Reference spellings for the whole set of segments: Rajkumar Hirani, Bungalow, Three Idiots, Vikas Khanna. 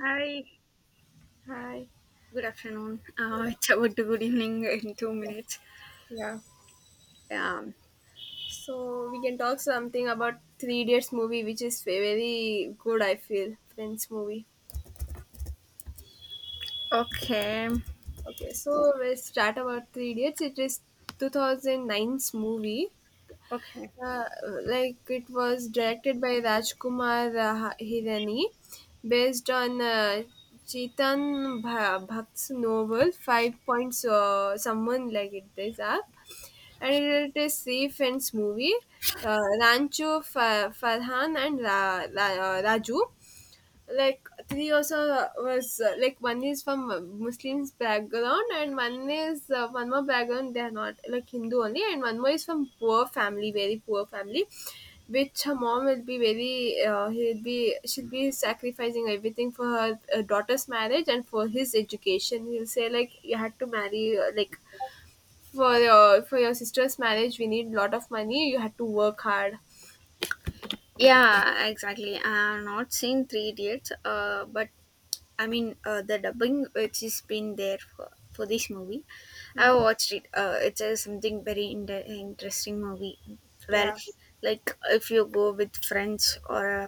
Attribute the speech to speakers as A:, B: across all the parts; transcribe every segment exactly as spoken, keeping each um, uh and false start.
A: Hi,
B: Hi.
A: good afternoon. Uh, it's about to good evening in two
B: Yeah.
A: minutes.
B: Yeah.
A: Um,
B: So we can talk something about Three Idiots movie, which is ve- very good. I feel French movie.
A: okay,
B: Okay, so we start about Three Idiots. It is two thousand nine's movie.
A: okay.
B: Uh, like it was directed by Rajkumar uh, Hirani, based on uh, Chetan Bha- Bhatt's novel Five Points. Uh, someone like it. These are. And it is three friends movie, uh, Rancho, Fa- farhan, and Ra- Ra- uh, raju. Like three also, uh, was uh, like one is from uh, Muslims background, and one is uh, one more background, they are not like Hindu only, and one more is from poor family, very poor family, which her mom will be very, uh, he'll be she'll be sacrificing everything for her uh, daughter's marriage. And for his education he'll say like you had to marry, uh, like for your for your sister's marriage we need lot of money, you had to work hard.
A: Yeah, exactly. I'm not seeing Three Idiots, uh, but I mean, uh, the dubbing which has been there for, for this movie, I
B: Mm,
A: watched it. Uh, it's a something very in- interesting movie. Well,
B: yeah,
A: like if you go with friends or uh,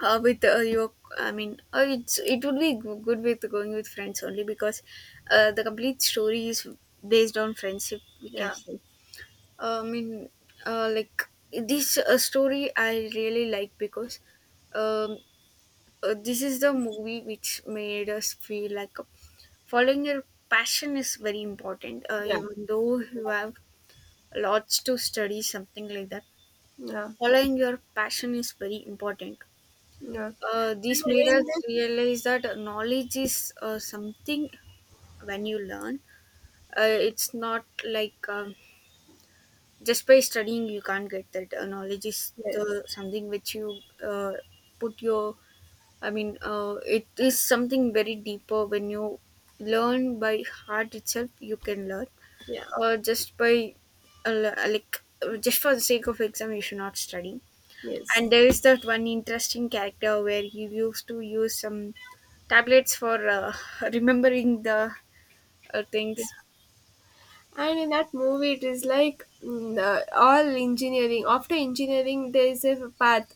A: uh, with uh, your i mean uh, it's it would be g- good with going with friends only because uh, the complete story is based on friendship we can
B: yeah,
A: say uh, i mean uh, like this uh, story I really like because um, uh, this is the movie which made us feel like uh, following your passion is very important, uh,
B: yeah,
A: even though you have lots to study, something like that.
B: yeah,
A: Following your passion is very important.
B: yeah. And
A: uh, this made
B: in
A: us
B: that-
A: realize that knowledge is uh, something when you learn. Uh, it's not like um, just by studying you can't get that. Uh, knowledge is
B: yes,
A: the something which you uh, put your. I mean, uh, it is something very deeper when you learn by heart itself. You can learn.
B: yeah,
A: Uh, just by uh, like uh, just for the sake of exam, you should not study,
B: yes.
A: and there is that one interesting character where he used to use some tablets for uh, remembering the uh, things.
B: And in that movie it is like, mm, the- all engineering after engineering there is a path.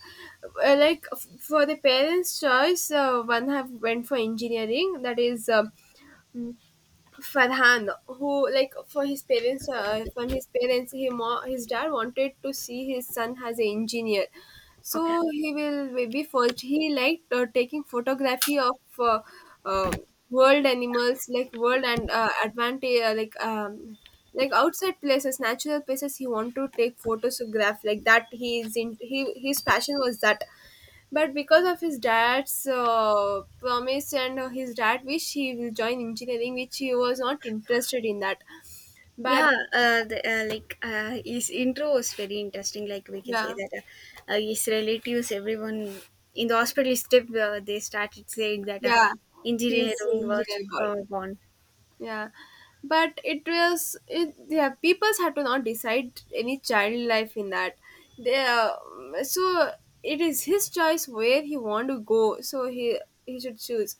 B: Uh, like f- for the parents choice, uh, one have went for engineering, that is, um, Farhan, who like for his parents, uh, from his parents, he mo- his dad wanted to see his son as an engineer.
A: Okay.
B: So he will maybe first he liked uh, taking photography of uh, uh, world animals, like world, and uh, advantage, uh, like, um, like outside places, natural places. He wanted to take photograph like that. He is in he His passion was that, but because of his dad's uh, promise and uh, his dad wish, he will join engineering, which he was not interested in that. But
A: Yeah, uh, the, uh, like uh, his intro was very interesting. Like we can say
B: yeah,
A: that uh, uh, his relatives, everyone in the hospital, step uh, they started saying that uh,
B: yeah, he's an
A: engineering was
B: engineer boy.
A: uh, born.
B: Yeah, but it was it, yeah. Peoples had to not decide any child life in that. They uh, so It is his choice where he want to go. So he he should choose.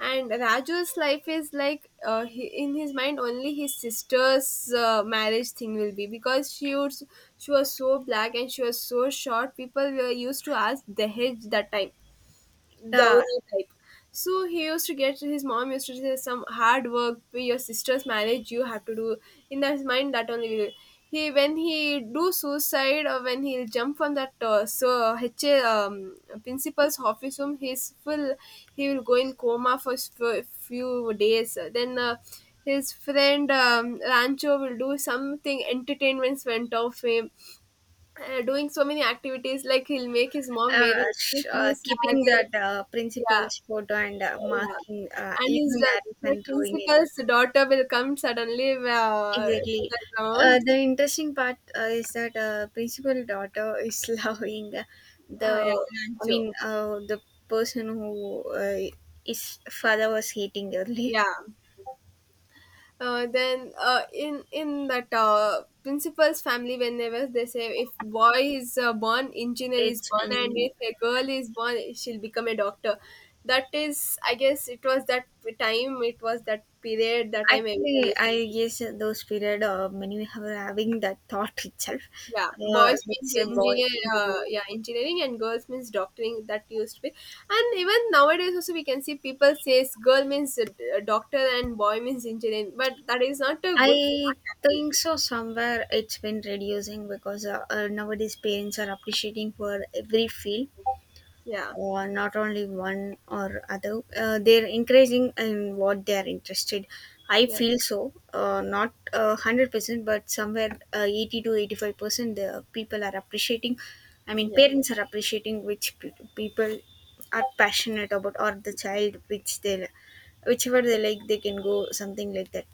B: And Raju's life is like, uh, he, in his mind only his sister's uh, marriage thing will be, because she was she was so black and she was so short. People were used to ask Dahej that time,
A: Yeah,
B: dowry type. So he used to get his mom used to say some hard work, be your sister's marriage you have to do. In his mind, that only will- he when he do suicide, or when he'll jump from that, uh, so H A, um, principal's office room, he's full. He will go in coma for s- for a few days. Then. Uh, his friend, um, Rancho will do something entertainments went off him, uh, doing so many activities like he'll make his mom wear
A: uh,
B: his
A: sh- uh,
B: new
A: keeping
B: saree.
A: that uh,
B: Yeah,
A: principles photo and uh,
B: yeah,
A: marking, uh,
B: and his
A: using
B: da-
A: arrows
B: the
A: and throwing it.
B: principal's daughter will come suddenly uh, to
A: Exactly.
B: the
A: Uh,
B: ground.
A: the interesting part uh, is that uh, principal daughter is loving
B: Uh, yeah,
A: the, I
B: Rancho.
A: mean, uh, the person who uh, his father was hating early.
B: Yeah. Uh, then uh, In in that uh, principal's family, whenever they say if boy is uh, born, engineer is
A: It's
B: born, and
A: engineering.
B: if a girl is born, she'll become a doctor. That is, I guess, it was that time. It was that period, that time everyone
A: Actually,
B: used.
A: I guess those period uh, when we were having that thought itself,
B: Yeah,
A: uh,
B: boys
A: if it's a
B: means
A: boy,
B: engineer, uh,
A: engineer.
B: yeah, engineering, and girls means doctoring. That used to be, and even nowadays also we can see people says girl means uh, d- doctor and boy means engineering, but that is not a good
A: I
B: fact. Actually.
A: think so. Somewhere it's been reducing because uh, uh, nowadays parents are appreciating for every field,
B: Yeah,
A: or not only one or other, uh, they're increasing in what they are interested. I
B: yeah,
A: feel so, uh, not uh, one hundred percent, but somewhere uh, eighty to eighty-five percent the people are appreciating. I mean
B: yeah.
A: parents are appreciating which pe- people are passionate about, or the child which they whichever they like they can go, something like that.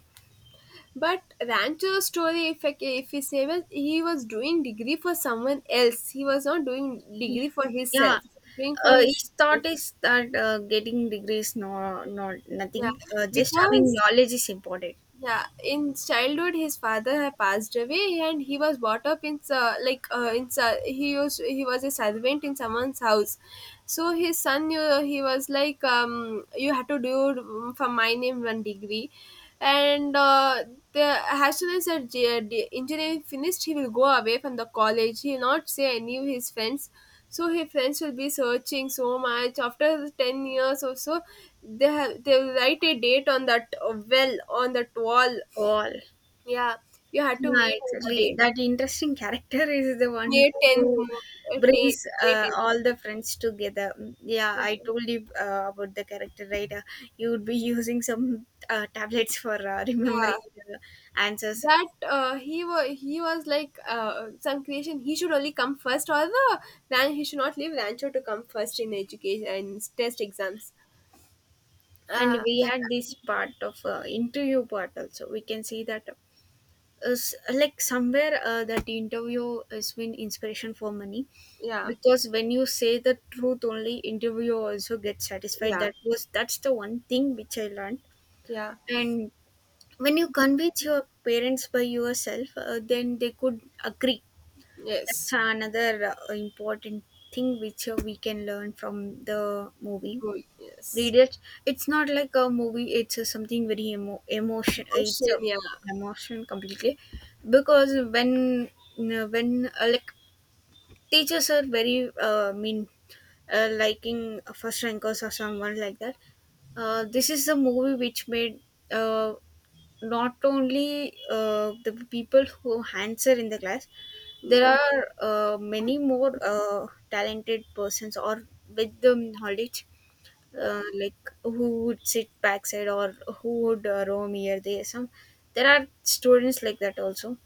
B: But Rancho's story, if I, ca- if we say, well, he was doing degree for someone else. He was not doing degree for
A: yeah
B: himself. Doing for
A: uh,
B: his,
A: his thought is that uh, getting degrees no, not nothing,
B: yeah,
A: uh, just having
B: because,
A: knowledge is important.
B: yeah, in childhood, his father had passed away, and he was brought up in, uh, like uh, in uh, he was he was a servant in someone's house. So his son, uh, he was like, um, you had to do, um, for my name one degree, and uh, the as soon as the G- engineering finished, he will go away from the college. He will not say any of his friends. So his friends will be searching so much. After ten years or so, they have they will write a date on that, uh, well, on that wall.
A: All.
B: Yeah, you had to
A: Yeah,
B: meet on the
A: exactly.
B: day
A: That interesting character is the one
B: May tenth
A: who
B: movie. Uh, ta-
A: brings
B: May
A: uh, all
B: 10th.
A: the friends together. Mm. Yeah, I told you uh, about the character, right? Uh, you would be using some uh, tablets for uh,
B: Yeah,
A: remembering the answers.
B: that uh, he was he was like uh, some creation. He should only come first, or the ran he should not leave Rancho to come first in education and test exams.
A: And
B: Uh,
A: we
B: like,
A: had this part of uh, interview part also. We can see that is like somewhere uh, that interview has been inspiration for money
B: yeah,
A: because when you say the truth, only interviewer also gets satisfied.
B: yeah,
A: That was, that's the one thing which I learned.
B: yeah.
A: And when you convince your parents by yourself, uh, then they could agree. That's
B: Yes.
A: another uh, important thing which uh, we can learn from the movie.
B: Oh, yes.
A: Read it. It's not like a movie. It's uh, something very emo- emotion. It's
B: Ocean,
A: a
B: yeah,
A: emotion completely because when uh, when uh, like teachers are very uh, mean, uh, liking first rankers or someone like that. Uh, this is a movie which made uh, not only uh, the people who answer in the class, there
B: yeah,
A: are uh, many more uh, talented persons or with the knowledge,
B: yeah,
A: uh, like who would sit backside or who would uh, roam here there, some there are students like that also.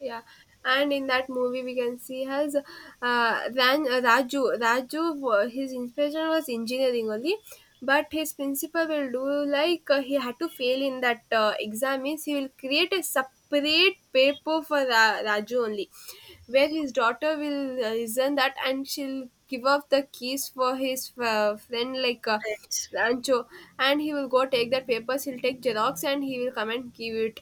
B: yeah. And in that movie, we can see has uh, Ran, uh, Raju. Raju, wa- his inspiration was engineering only, but his principal will do like, uh, he had to fail in that uh, exam, means he will create a separate paper for Ra- Raju only, where his daughter will uh, listen that and she'll give up the keys for his uh, friend, like. Uh,
A: Right.
B: Rancho, and he will go take that papers. He'll take Xerox and he will come and give it.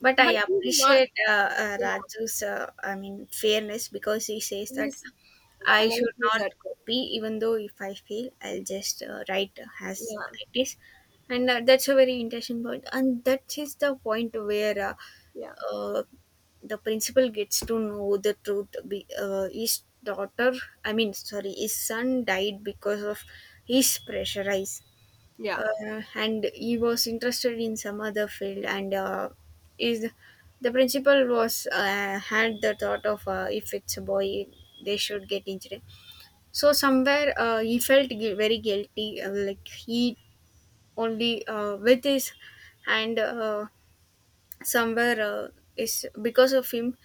A: But I
B: But he's not.
A: appreciate uh, uh,
B: Yeah,
A: Raju's, uh, I mean, fairness because he says that
B: he's, I
A: I
B: like
A: should not
B: lizard.
A: copy, even though if I fail, I'll just uh, write as
B: Yeah,
A: it is. And uh, that's a very interesting point. And that is the point where uh,
B: yeah,
A: uh, the principal gets to know the truth. Be, uh, his daughter, I mean, sorry, his son died because of his pressure,
B: yeah.
A: uh, and he was interested in some other field, and uh, is the principal was uh, had the thought of uh, if it's a boy they should get injured. So somewhere uh, he felt gui- very guilty, uh, like he only uh, with his and uh, somewhere uh, is because of him,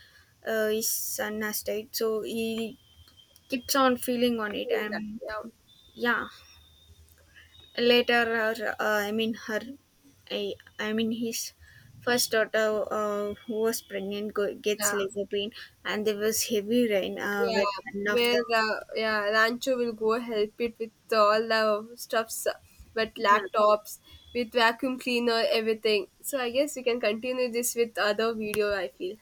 A: uh, his son has died, so he keeps on feeling on it,
B: Yeah,
A: and
B: yeah,
A: yeah. Later, her, uh, I mean her, I, I mean his first daughter, uh, who was pregnant, go, gets
B: yeah.
A: labor pain, and there was heavy rain. Uh,
B: Yeah.
A: when one of
B: Where the, yeah, Rancho will go help it with all the stuffs, but
A: them.
B: laptops, with vacuum cleaner, everything. So I guess we can continue this with other video. I feel.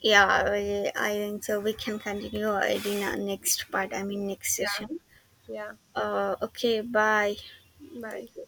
A: Yeah, I, I think so. We can continue uh, in our next part. I mean next
B: Yeah,
A: session.
B: yeah.
A: Uh, okay, bye. Thank
B: Bye.
A: you.